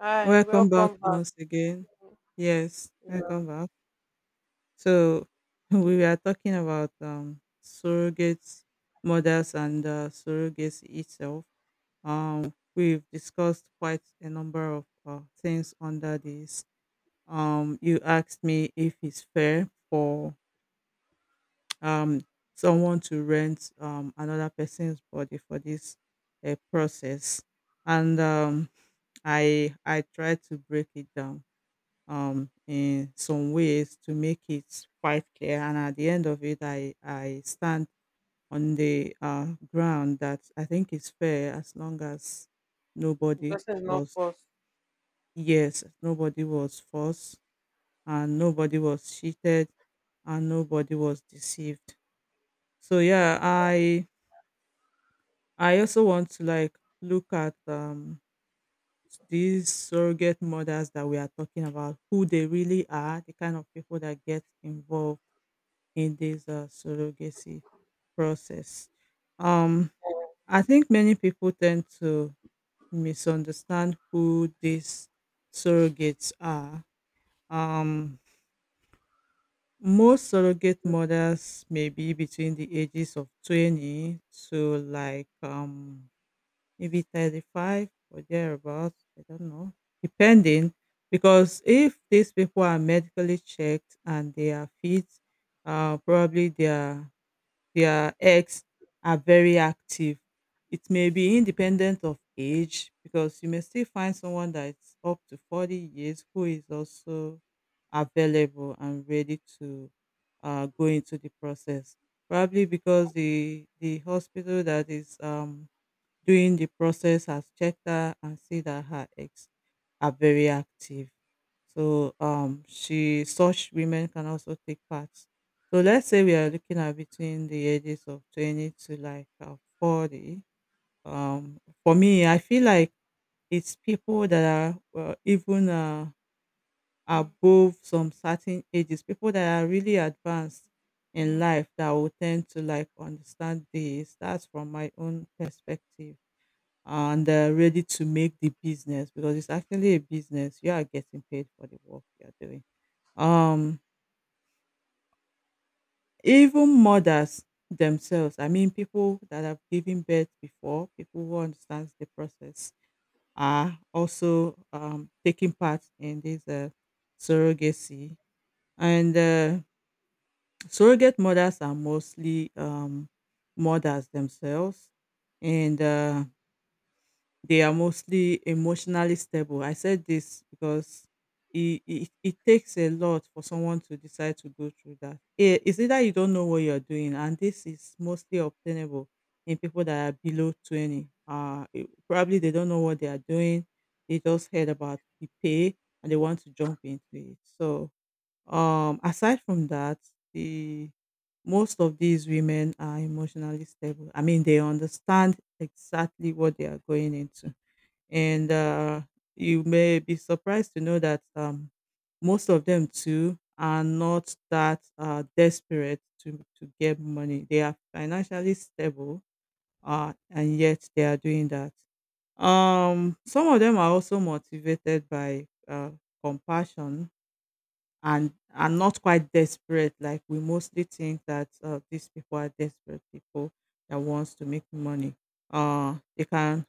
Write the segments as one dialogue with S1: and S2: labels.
S1: Hi,
S2: Welcome back
S1: welcome back.
S2: once again. Yes,
S1: Yeah,
S2: welcome back. So we were talking about surrogate mothers and surrogacy itself. We've discussed quite a number of things under this. You asked me if it's fair for um someone to rent another person's body for this process, and I tried to break it down in some ways to make it quite clear. And at the end of it, I stand on the ground that I think is fair as long as
S1: the
S2: nobody
S1: person is not
S2: was,
S1: forced.
S2: yes, nobody was forced and nobody was cheated and nobody was deceived. So yeah, I also want to like look at these surrogate mothers that we are talking about, who they really are, the kind of people that get involved in this surrogacy process. Um, I think many people tend to misunderstand who these surrogates are. Um, most surrogate mothers may be between the ages of 20 to maybe 35 or thereabouts. I don't know, depending. Because if these people are medically checked and they are fit, probably their eggs are very active. It may be independent of age because you may still find someone that's up to 40 years who is also available and ready to go into the process. Probably because the hospital that is doing the process has checked her and see that her eggs are very active. So she such women can also take part. So let's say we are looking at between the ages of 20 to like 40. Um, for me I feel like it's people that are well, even above some certain ages, people that are really advanced in life that will tend to like understand this. That's from my own perspective and ready to make the business because it's actually a business. You are getting paid for the work you are doing. Um, even mothers themselves, I mean, people that have given birth before, people who understand the process, are also taking part in this surrogacy. And surrogate mothers are mostly mothers themselves. And they are mostly emotionally stable. I said this because it takes a lot for someone to decide to go through that. It's either you don't know what you're doing, and this is mostly obtainable in people that are below 20. Probably they don't know what they are doing, they just heard about the pay and they want to jump into it. So, aside from that, the most of these women are emotionally stable. I mean, they understand exactly what they are going into and you may be surprised to know that most of them too are not that desperate to get money. They are financially stable, and yet they are doing that. Some of them are also motivated by compassion and are not quite desperate. Like we mostly think that these people are desperate people that wants to make money. They can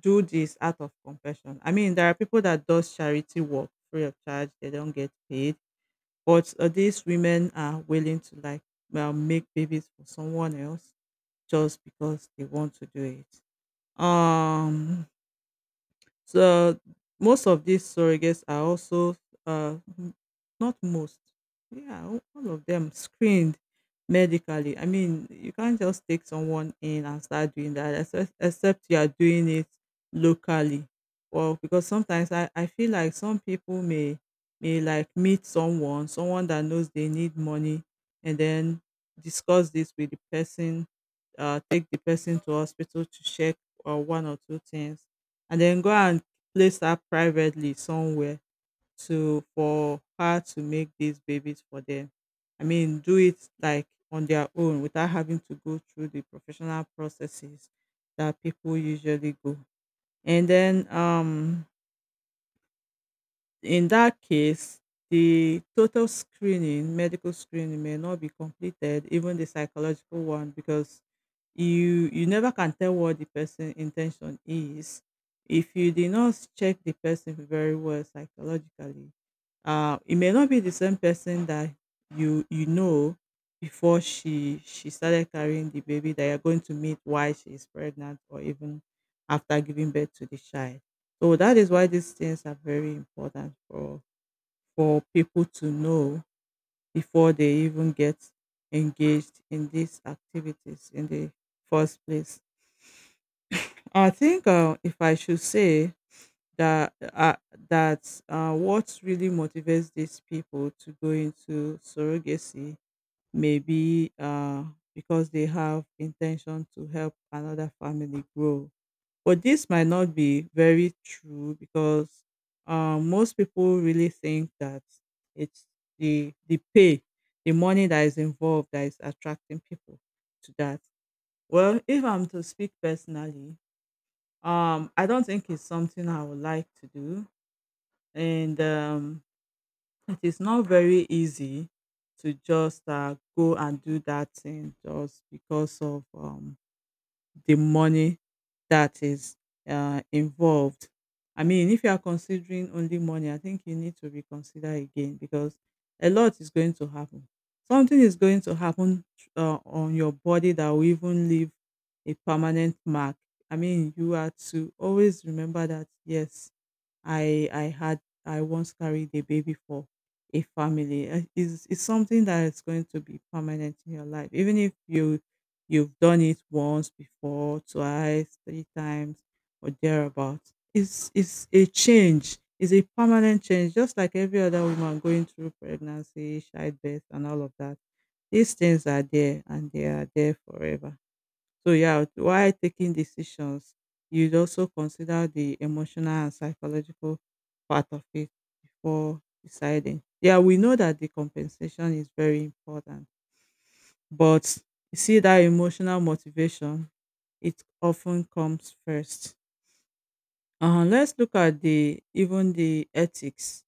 S2: do this out of compassion. I mean, there are people that does charity work free of charge; they don't get paid. But these women are willing to like well make babies for someone else just because they want to do it. Um, so most of these surrogates are also n- not most, yeah, all of them screened medically. I mean, you can't just take someone in and start doing that, except you are doing it locally. Well, because sometimes I feel like some people may like meet someone, someone that knows they need money, and then discuss this with the person, take the person to hospital to check one or two things and then go and place her privately somewhere to for her to make these babies for them. I mean, do it like on their own without having to go through the professional processes that people usually go. And then in that case, medical screening may not be completed, even the psychological one, because you never can tell what the person intention is. If you did not check the person very well psychologically, it may not be the same person that you know before she started carrying the baby that you're going to meet while she is pregnant or even after giving birth to the child. So that is why these things are very important for people to know before they even get engaged in these activities in the first place. I think if I should say that what really motivates these people to go into surrogacy may be because they have intention to help another family grow. But this might not be very true because most people really think that it's the pay, the money that is involved that is attracting people to that. Well, if I'm to speak personally, I don't think it's something I would like to do, and it is not very easy to just go and do that thing just because of the money that is involved. I mean, if you are considering only money, I think you need to reconsider again because a lot is going to happen. Something is going to happen on your body that will even leave a permanent mark. I mean, you are to always remember that, yes, I once carried a baby for a family. It's, it's something that is going to be permanent in your life, even if you've done it once before, twice, three times, or thereabouts. It's a change. It's a permanent change, just like every other woman going through pregnancy, childbirth, and all of that. These things are there, and they are there forever. So yeah, while taking decisions, you'd also consider the emotional and psychological part of it before deciding. Yeah, we know that the compensation is very important, but you see that emotional motivation, it often comes first. Let's look at the even the ethics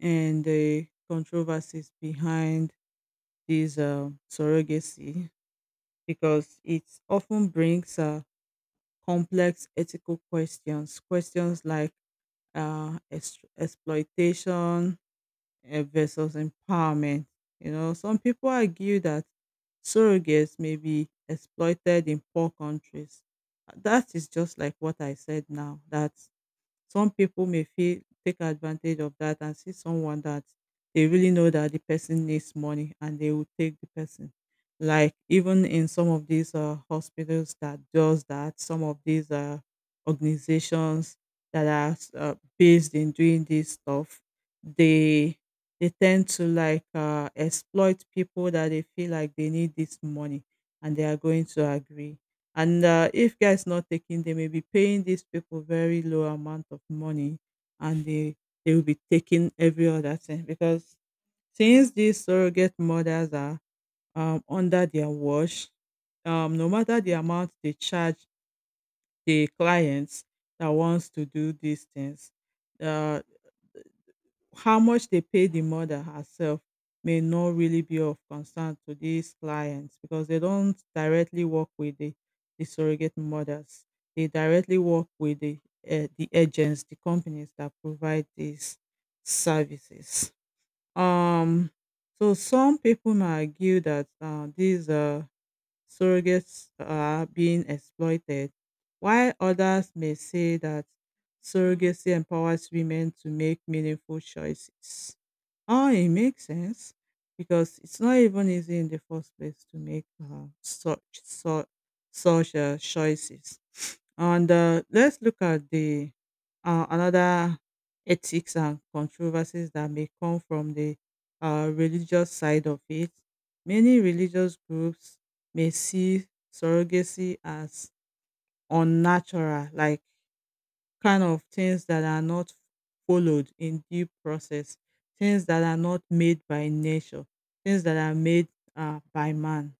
S2: and the controversies behind this surrogacy because it often brings complex ethical questions. Questions like exploitation versus empowerment. You know, some people argue that surrogates may be exploited in poor countries. That is just like what I said now, that some people may feel take advantage of that and see someone that they really know that the person needs money and they will take the person. Like even in some of these hospitals that does that, some of these organizations that are based in doing this stuff, they they tend to like exploit people that they feel like they need this money and they are going to agree. And if guys not taking, they may be paying these people very low amount of money, and they will be taking every other thing because since these surrogate mothers are under their watch, no matter the amount they charge the clients that wants to do these things, uh. How much they pay the mother herself may not really be of concern to these clients because they don't directly work with the surrogate mothers. They directly work with the agents, the companies that provide these services. Um, so some people might argue that these surrogates are being exploited, while others may say that surrogacy empowers women to make meaningful choices. Oh, it makes sense because it's not even easy in the first place to make such choices. And let's look at the another ethics and controversies that may come from the religious side of it. Many religious groups may see surrogacy as unnatural, like kind of things that are not followed in due process, things that are not made by nature, things that are made by man.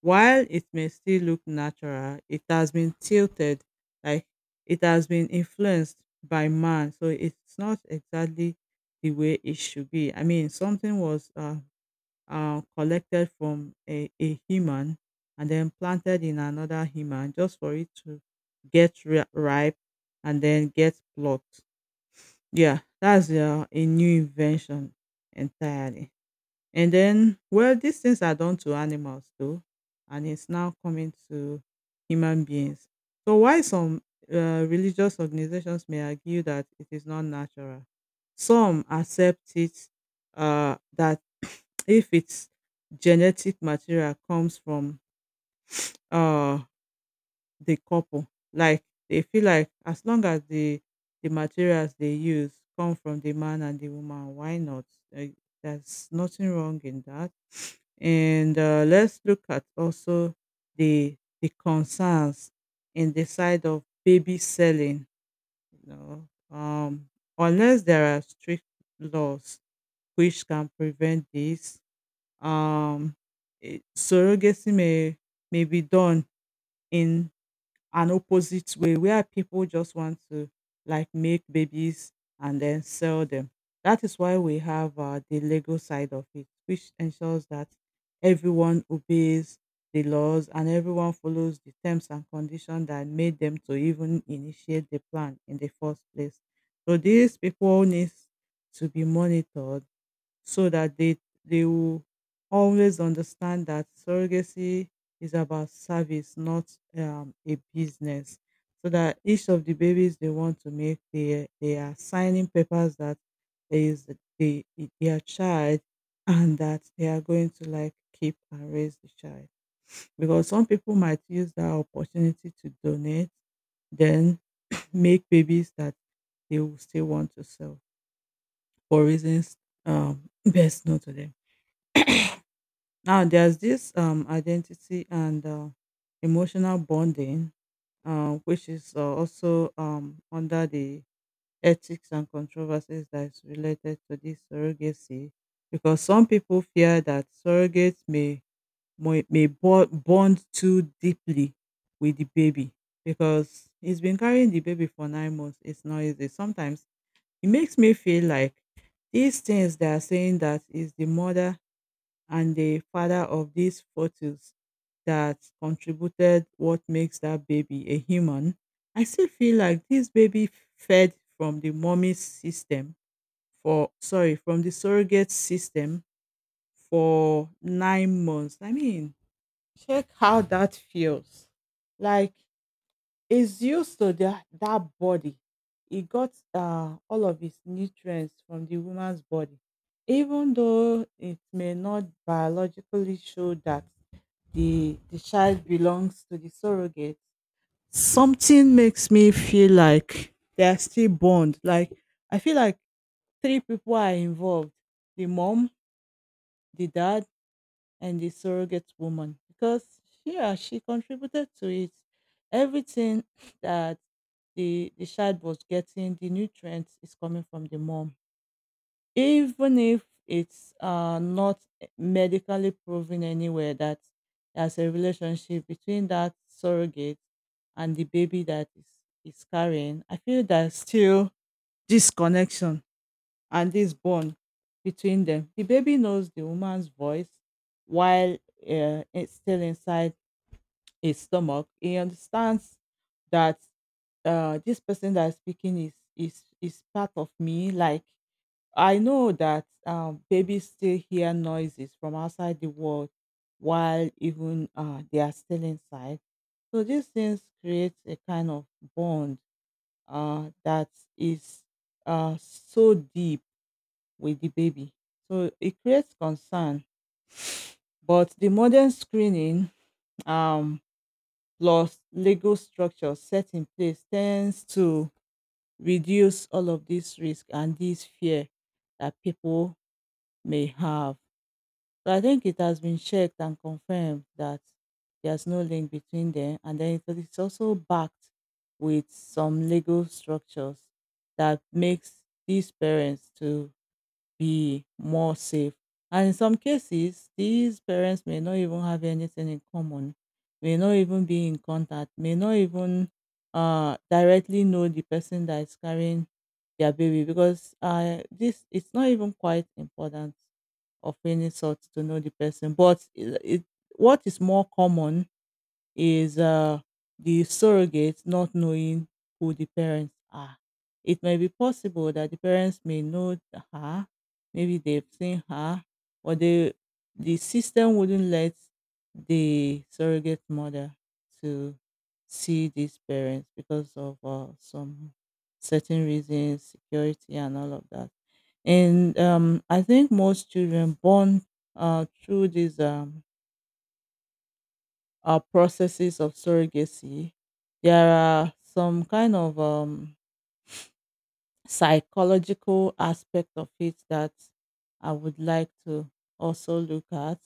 S2: While it may still look natural, it has been tilted, like it has been influenced by man. So it's not exactly the way it should be. I mean, something was collected from a human and then planted in another human just for it to ripe and then get plucked. Yeah, that's a new invention entirely. And then, well, these things are done to animals too, and it's now coming to human beings. So, why some religious organizations may argue that it is not natural? Some accept it that if its genetic material comes from uh, the couple, like they feel like as long as the materials they use come from the man and the woman, why not? Like, there's nothing wrong in that. And let's look at also the the concerns in the side of baby selling. You know, um, Unless there are strict laws which can prevent this, um, surrogacy may be done in an opposite way where people just want to like make babies and then sell them. That is why we have the legal side of it, which ensures that everyone obeys the laws and everyone follows the terms and conditions that made them to even initiate the plan in the first place. So these people needs to be monitored so that they will always understand that surrogacy is about service, not a business. So that each of the babies they want to make, they are signing papers that there is the their child, and that they are going to like keep and raise the child. Because some people might use that opportunity to donate, then make babies that they will still want to sell for reasons best known to them. Now there's this identity and emotional bonding, which is also under the ethics and controversies that is related to this surrogacy, because some people fear that surrogates may bond too deeply with the baby because he's been carrying the baby for 9 months. It's not easy. Sometimes it makes me feel like these things they are saying that is the mother and the father of these photos that contributed what makes that baby a human, I still feel like this baby fed from the mommy system for sorry, from the surrogate system for 9 months. I mean, check how that feels. Like he's used to that body. He got all of his nutrients from the woman's body, even though it may not biologically show that the child belongs to the surrogate. Something makes me feel like they are still bond. Like I feel like three people are involved: the mom, the dad, and the surrogate woman because yeah she contributed to it everything that the child was getting the nutrients is coming from the mom even if it's not medically proven anywhere that there's a relationship between that surrogate and the baby that is carrying I feel there's still disconnection and this bond between them. The baby knows the woman's voice while it's still inside his stomach. He understands that this person that is speaking is part of me. Like, I know that babies still hear noises from outside the world while even they are still inside. So these things create a kind of bond that is so deep with the baby. So it creates concern. But the modern screening, um, plus legal structure set in place tends to reduce all of this risk and this fear that people may have. So I think it has been checked and confirmed that there's no link between them. And then it's also backed with some legal structures that makes these parents to be more safe. And in some cases, these parents may not even have anything in common, may not even be in contact, may not even directly know the person that is carrying their baby because this it's not even quite important of any sort to know the person. But what is more common is the surrogate not knowing who the parents are. It may be possible that the parents may know her, maybe they've seen her, or they, the system wouldn't let the surrogate mother to see these parents because of some certain reasons, security, and all of that. And I think most children born through this. Processes of surrogacy, there are some kind of psychological aspect of it that I would like to also look at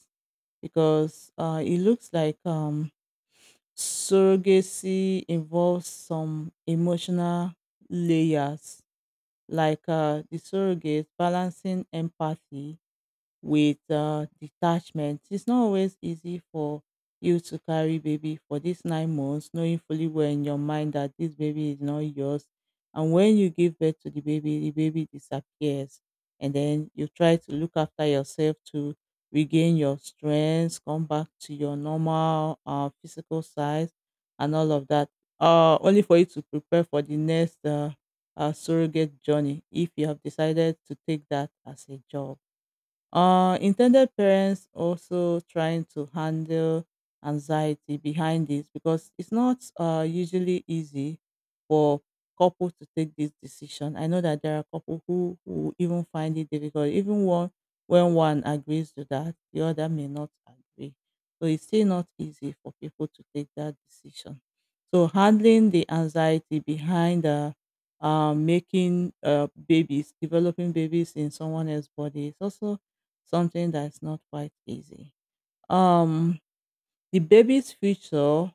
S2: because it looks like surrogacy involves some emotional layers, like the surrogate balancing empathy with detachment. It's not always easy for you to carry baby for these 9 months, knowing fully well in your mind that this baby is not yours. And when you give birth to the baby disappears. And then you try to look after yourself to regain your strength, come back to your normal physical size, and all of that. Only for you to prepare for the next surrogate journey if you have decided to take that as a job. Intended parents also trying to handle anxiety behind this because it's not usually easy for couples to take this decision. I know that there are couples who even find it difficult. Even one When one agrees to that, the other may not agree. So it's still not easy for people to take that decision. So handling the anxiety behind the making babies, developing babies in someone else's body is also something that's not quite easy. Um, the baby's future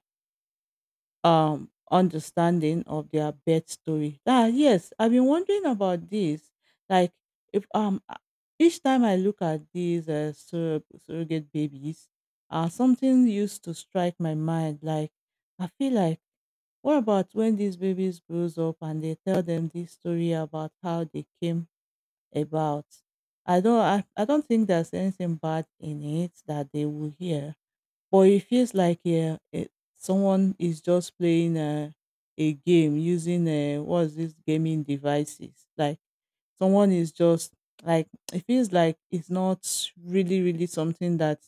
S2: understanding of their birth story. Ah, yes, I've been wondering about this. Like, if a- each time I look at these surrogate babies, something used to strike my mind. Like, I feel like, what about when these babies grows up and they tell them this story about how they came about. I don't think there's anything bad in it that they will hear. But it feels like yeah, it, someone is just playing a game using a, what's this gaming devices. Like someone is just like it feels like it's not really really something that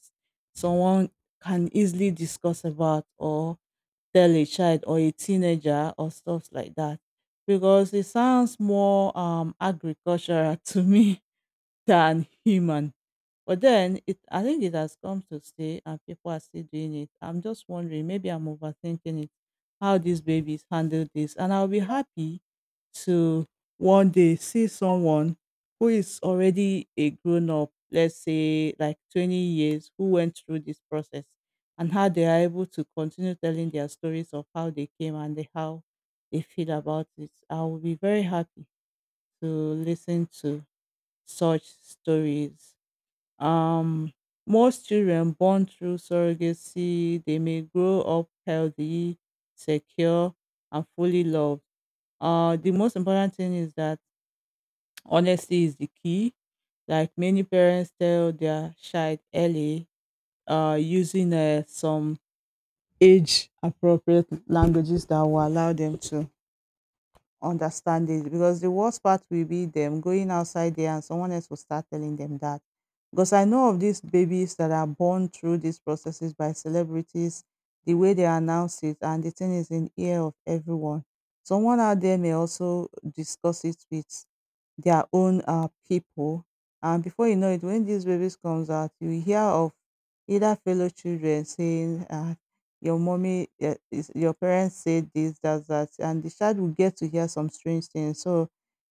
S2: someone can easily discuss about or tell a child or a teenager or stuff like that because it sounds more agricultural to me than human. But then it I think it has come to stay and people are still doing it. I'm just wondering, maybe I'm overthinking it, how these babies handle this. And I'll be happy to one day see someone who is already a grown up, let's say like 20 years, who went through this process and how they are able to continue telling their stories of how they came and the, how they feel about it. I will be very happy to listen to such stories. Um, Most children born through surrogacy, they may grow up healthy, secure, and fully loved. The most important thing is that honesty is the key. Like many parents tell their child early, using some age appropriate languages that will allow them to understand it because the worst part will be them going outside there and someone else will start telling them that. Because I know of these babies that are born through these processes by celebrities, the way they announce it, and the thing is in ear of everyone. Someone out there may also discuss it with their own people, and before you know it, when these babies comes out, you hear of either fellow children saying, your mommy eh, is your parents said this that that and the child will get to hear some strange things so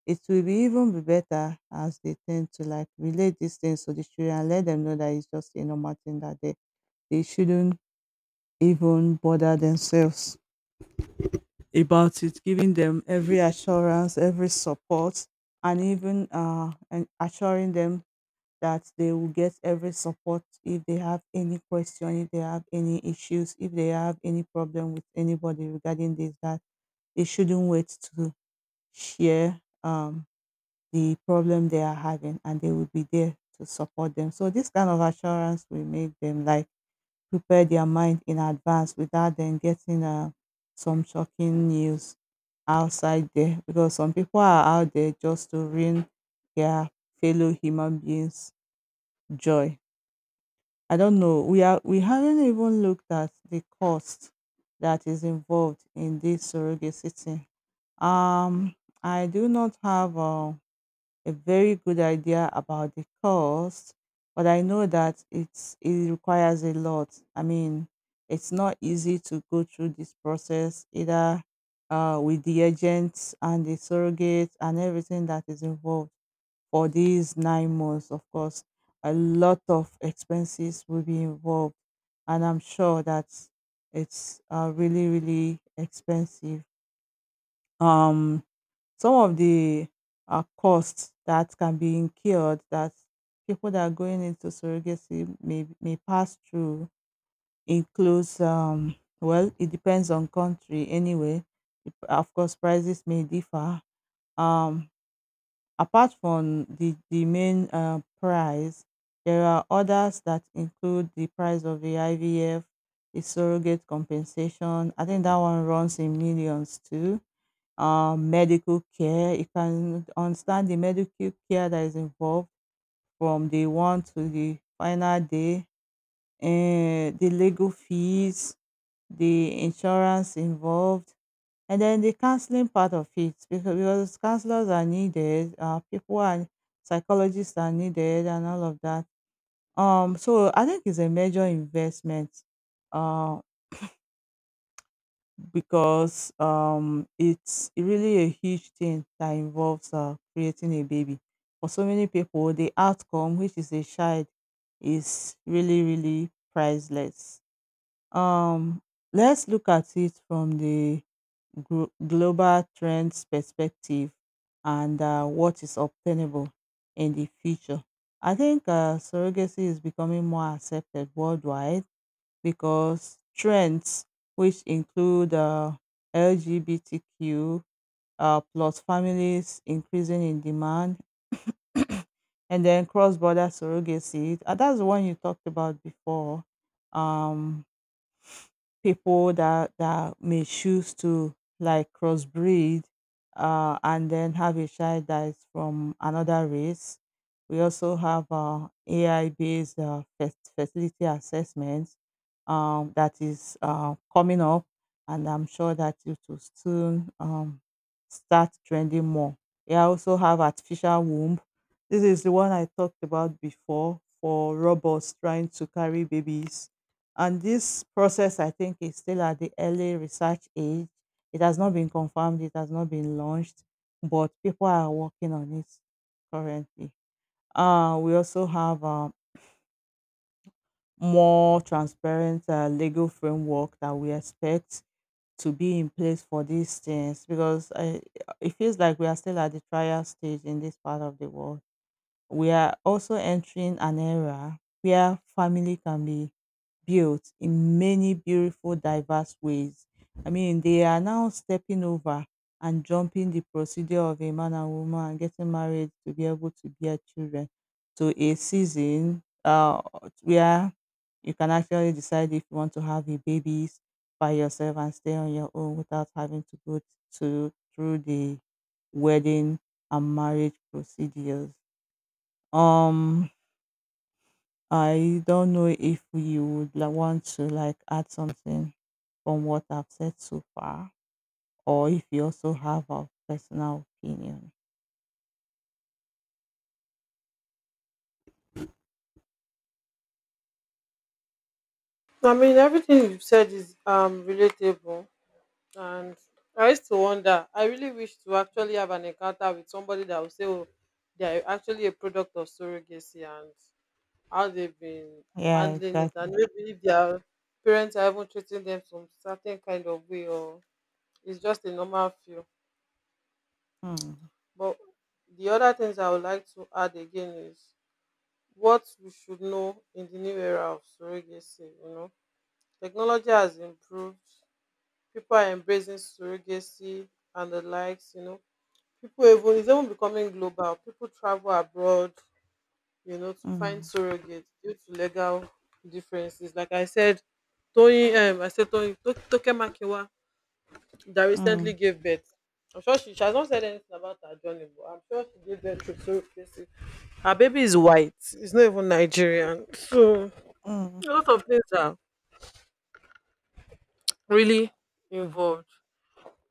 S2: it will be even be better as they tend to like relate these things to the children and let them know that it's just a normal thing that they shouldn't even bother themselves about it giving them every assurance every support and even and assuring them that they will get every support if they have any question, if they have any issues, if they have any problem with anybody regarding this, that they shouldn't wait to share the problem they are having and they will be there to support them. So this kind of assurance will make them like prepare their mind in advance without them getting some shocking news outside there because some people are out there just to ruin their fellow human beings' joy. I don't know. We haven't even looked at the cost that is involved in this surrogacy thing. Um, I do not have a very good idea about the cost, but I know that it requires a lot. I mean, it's not easy to go through this process either with the agents and the surrogates and everything that is involved for these 9 months, of course, a lot of expenses will be involved. And I'm sure that it's really, really expensive. Um, some of the costs that can be incurred that people that are going into surrogacy may pass through includes, well, it depends on country anyway. Of course, prices may differ. Um, Apart from the main prize, there are others that include the price of the IVF, the surrogate compensation. I think that one runs in millions too. Medical care. You can understand the medical care that is involved from day one to the final day. And the legal fees, the insurance involved, and then the counseling part of it, because counselors are needed, people are psychologists are needed, and all of that. So I think it's a major investment, uh, because it's really a huge thing that involves creating a baby. For so many people, the outcome, which is a child, is really really priceless. Um, let's look at it from the global trends perspective and what is obtainable in the future. I think surrogacy is becoming more accepted worldwide because trends, which include LGBTQ plus families increasing in demand, and then cross border surrogacy. That's the one you talked about before. Um, People that may choose to like crossbreed and then have a child that is from another race. We also have AI based fertility assessments that is coming up, and I'm sure that it will soon start trending more. We also have artificial womb. This is the one I talked about before for robots trying to carry babies and this process, I think, is still at the early research age. It has not been confirmed, it has not been launched, but people are working on it currently. We also have a more transparent legal framework that we expect to be in place for these things because I, it feels like we are still at the trial stage in this part of the world. We are also entering an era where family can be built in many beautiful diverse ways. I mean, they are now stepping over and jumping the procedure of a man and woman and getting married to be able to bear children to a season where you can actually decide if you want to have a baby by yourself and stay on your own without having to go to through the wedding and marriage procedures. Um, I don't know if you would like want to like add something from what I've said so far, or if you also have a personal opinion.
S1: I mean, everything you've said is relatable, and I used to wonder. I really wish to actually have an encounter with somebody that will say, "Oh, they're actually a product of surrogacy and how they've been
S2: Yeah,
S1: handling it, and
S2: exactly.
S1: maybe if their parents are even treating them some certain kind of way, or it's just a normal feel."
S2: Mm,
S1: But the other things I would like to add again is what we should know in the new era of surrogacy, you know. Technology has improved. People are embracing surrogacy and the likes, you know. People even it's even becoming global. People travel abroad, you know, to find
S2: mm,
S1: surrogates due to legal differences. Like I said, Tony Toke Makiwa that recently
S2: mm,
S1: gave birth. I'm sure she has not said anything about her journey, but I'm sure she gave birth to surrogacy. Her baby is white. It's not even Nigerian. So
S2: mm,
S1: a lot of things are really involved.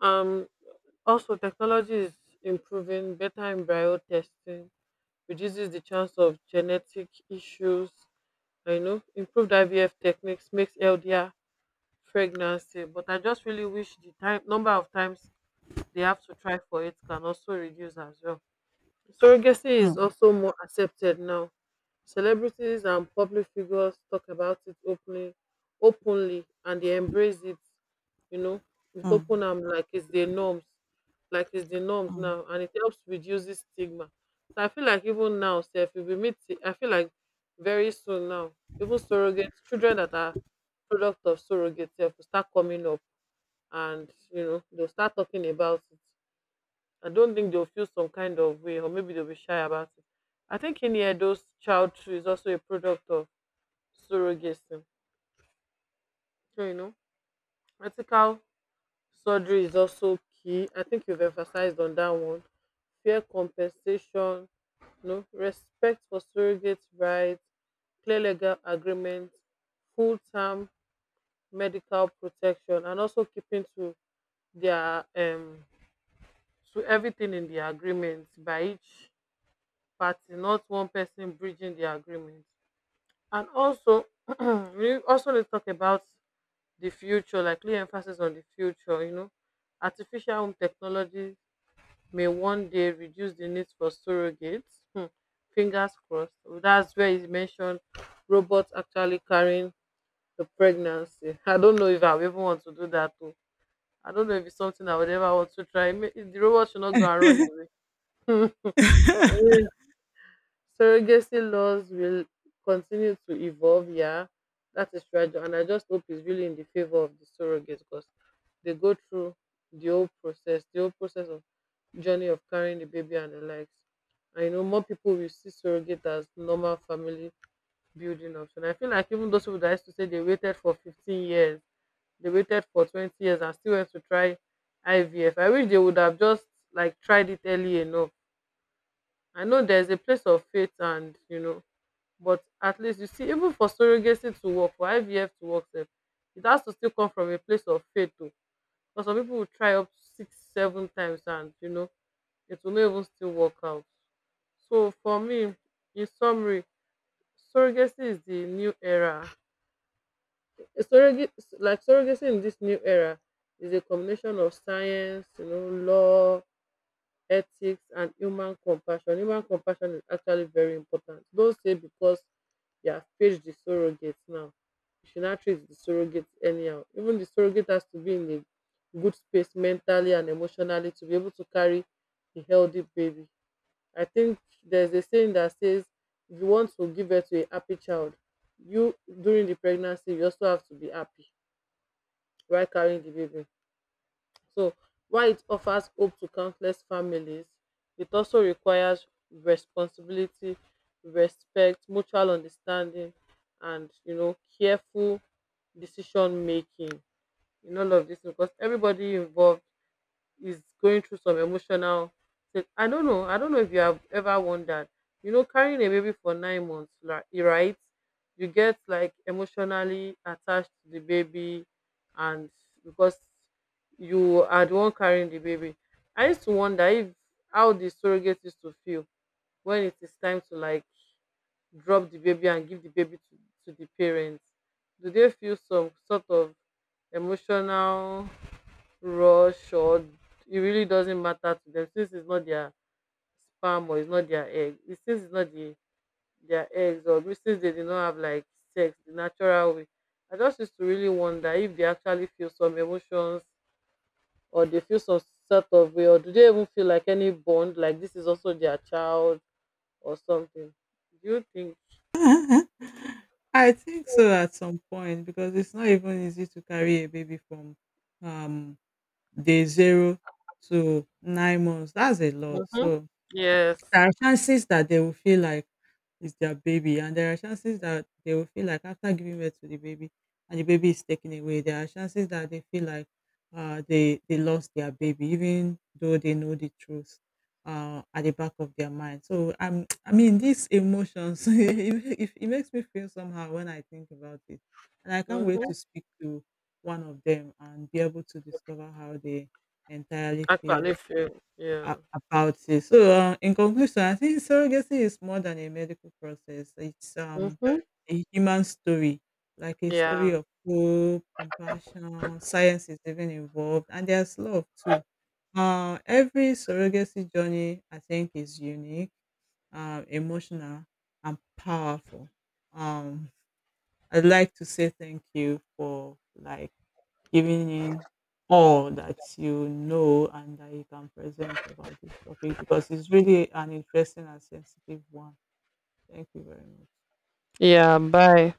S1: Um, Also, technology is improving better embryo testing, reduces the chance of genetic issues. I know improved IVF techniques makes LDR pregnancy, but I just really wish the time number of times they have to try for it can also reduce as well. Surrogacy is
S2: mm,
S1: also more accepted now. Celebrities and public figures talk about it openly, openly, and they embrace it. You know, with
S2: mm,
S1: open arm, like it's the norms, like it's the norms
S2: mm.
S1: now, and it helps reduce the stigma. So I feel like even now, Steph, if we meet, I feel like very soon now, even surrogate children that are product of surrogates, will start coming up, and you know, they'll start talking about it. I don't think they'll feel some kind of way, or maybe they'll be shy about it. I think in here, those child tree is also a product of surrogacy. So, you know, ethical surgery is also key. I think you've emphasized on that one. Fair compensation, you know, respect for surrogate rights, clear legal agreements, full term medical protection, and also keeping to their to everything in the agreement by each party, not one person bridging the agreement. And also, we also need to talk about the future, like lay emphasis on the future. You know, artificial home technology may one day reduce the need for surrogates. Hmm, fingers crossed. Well, that's where he mentioned robots actually carrying the pregnancy. I don't know if I will even want to do that too. I don't know if it's something I would ever want to try. The robot should not go and run away. Surrogacy laws will continue to evolve. Yeah, that is fragile, and I just hope it's really in the favor of the surrogates because they go through the whole process of journey of carrying the baby and the likes. And you know, more people will see surrogate as normal family building option. I feel like even those people that used to say they waited for 15 years, they waited for 20 years and still went to try IVF. I wish they would have just like tried it early enough. I know there's a place of faith and you know but at least you see even for surrogacy to work, for IVF to work sef, it has to still come from a place of faith too. Because some pipu will try up six, seven times and you know it will not even still work out. So for me, in summary, surrogacy is the new era. Surrogacy surrogacy in this new era is a combination of science, you know, law, ethics and human compassion. Human compassion is actually very important. Don't say because you have paid the surrogate now, you should not treat the surrogate anyhow. Even the surrogate has to be in a good space mentally and emotionally to be able to carry a healthy baby. I think there's a saying that says if you want to give birth to a happy child, you during the pregnancy you also have to be happy while carrying the baby. So while it offers hope to countless families, it also requires responsibility, respect, mutual understanding, and you know, careful decision making in all of this because everybody involved is going through some emotional state. I don't know. I don't know if you have ever wondered. You know, carrying a baby for nine months, like, you right? You get like emotionally attached to the baby, and because you are the one carrying the baby. I used to wonder if how the surrogate used to feel when it is time to like drop the baby and give the baby to the parents. Do they feel some sort of emotional rush or it really doesn't matter to them since it's not their sperm or it's not their egg. Since it's not their eggs or since they did not have like sex the natural way. I just used to really wonder if they actually feel some emotions or they feel some sort of way or do they even feel like any bond like this is also their child or something. Do you think?
S2: I think so at some point because it's not even easy to carry a baby from um day 0 to 9 months. That's a lot.
S1: Mm-hmm.
S2: So
S1: Yes.
S2: there are chances that they will feel like it's their baby, and there are chances that they will feel like after giving birth to the baby and the baby is taken away, there are chances that they feel like they lost their baby, even though they know the truth at the back of their mind. So I mean, these emotions, it makes me feel somehow when I think about it, and I can't wait
S1: Mm-hmm.
S2: to speak to one of them and be able to discover how they entirely feel
S1: Actually feel.
S2: a
S1: Yeah.
S2: about it. So in conclusion, I think surrogacy is more than a medical process. It's
S1: Mm-hmm.
S2: a human story, like a story
S1: Yeah.
S2: of hope, compassion. Science is even involved, and there's love too. Every surrogacy journey, I think, is unique, emotional, and powerful. Um, I'd like to say thank you for like giving in all that you know and that you can present about this topic because it's really an interesting and sensitive one. Thank you very much.
S1: Yeah. Bye.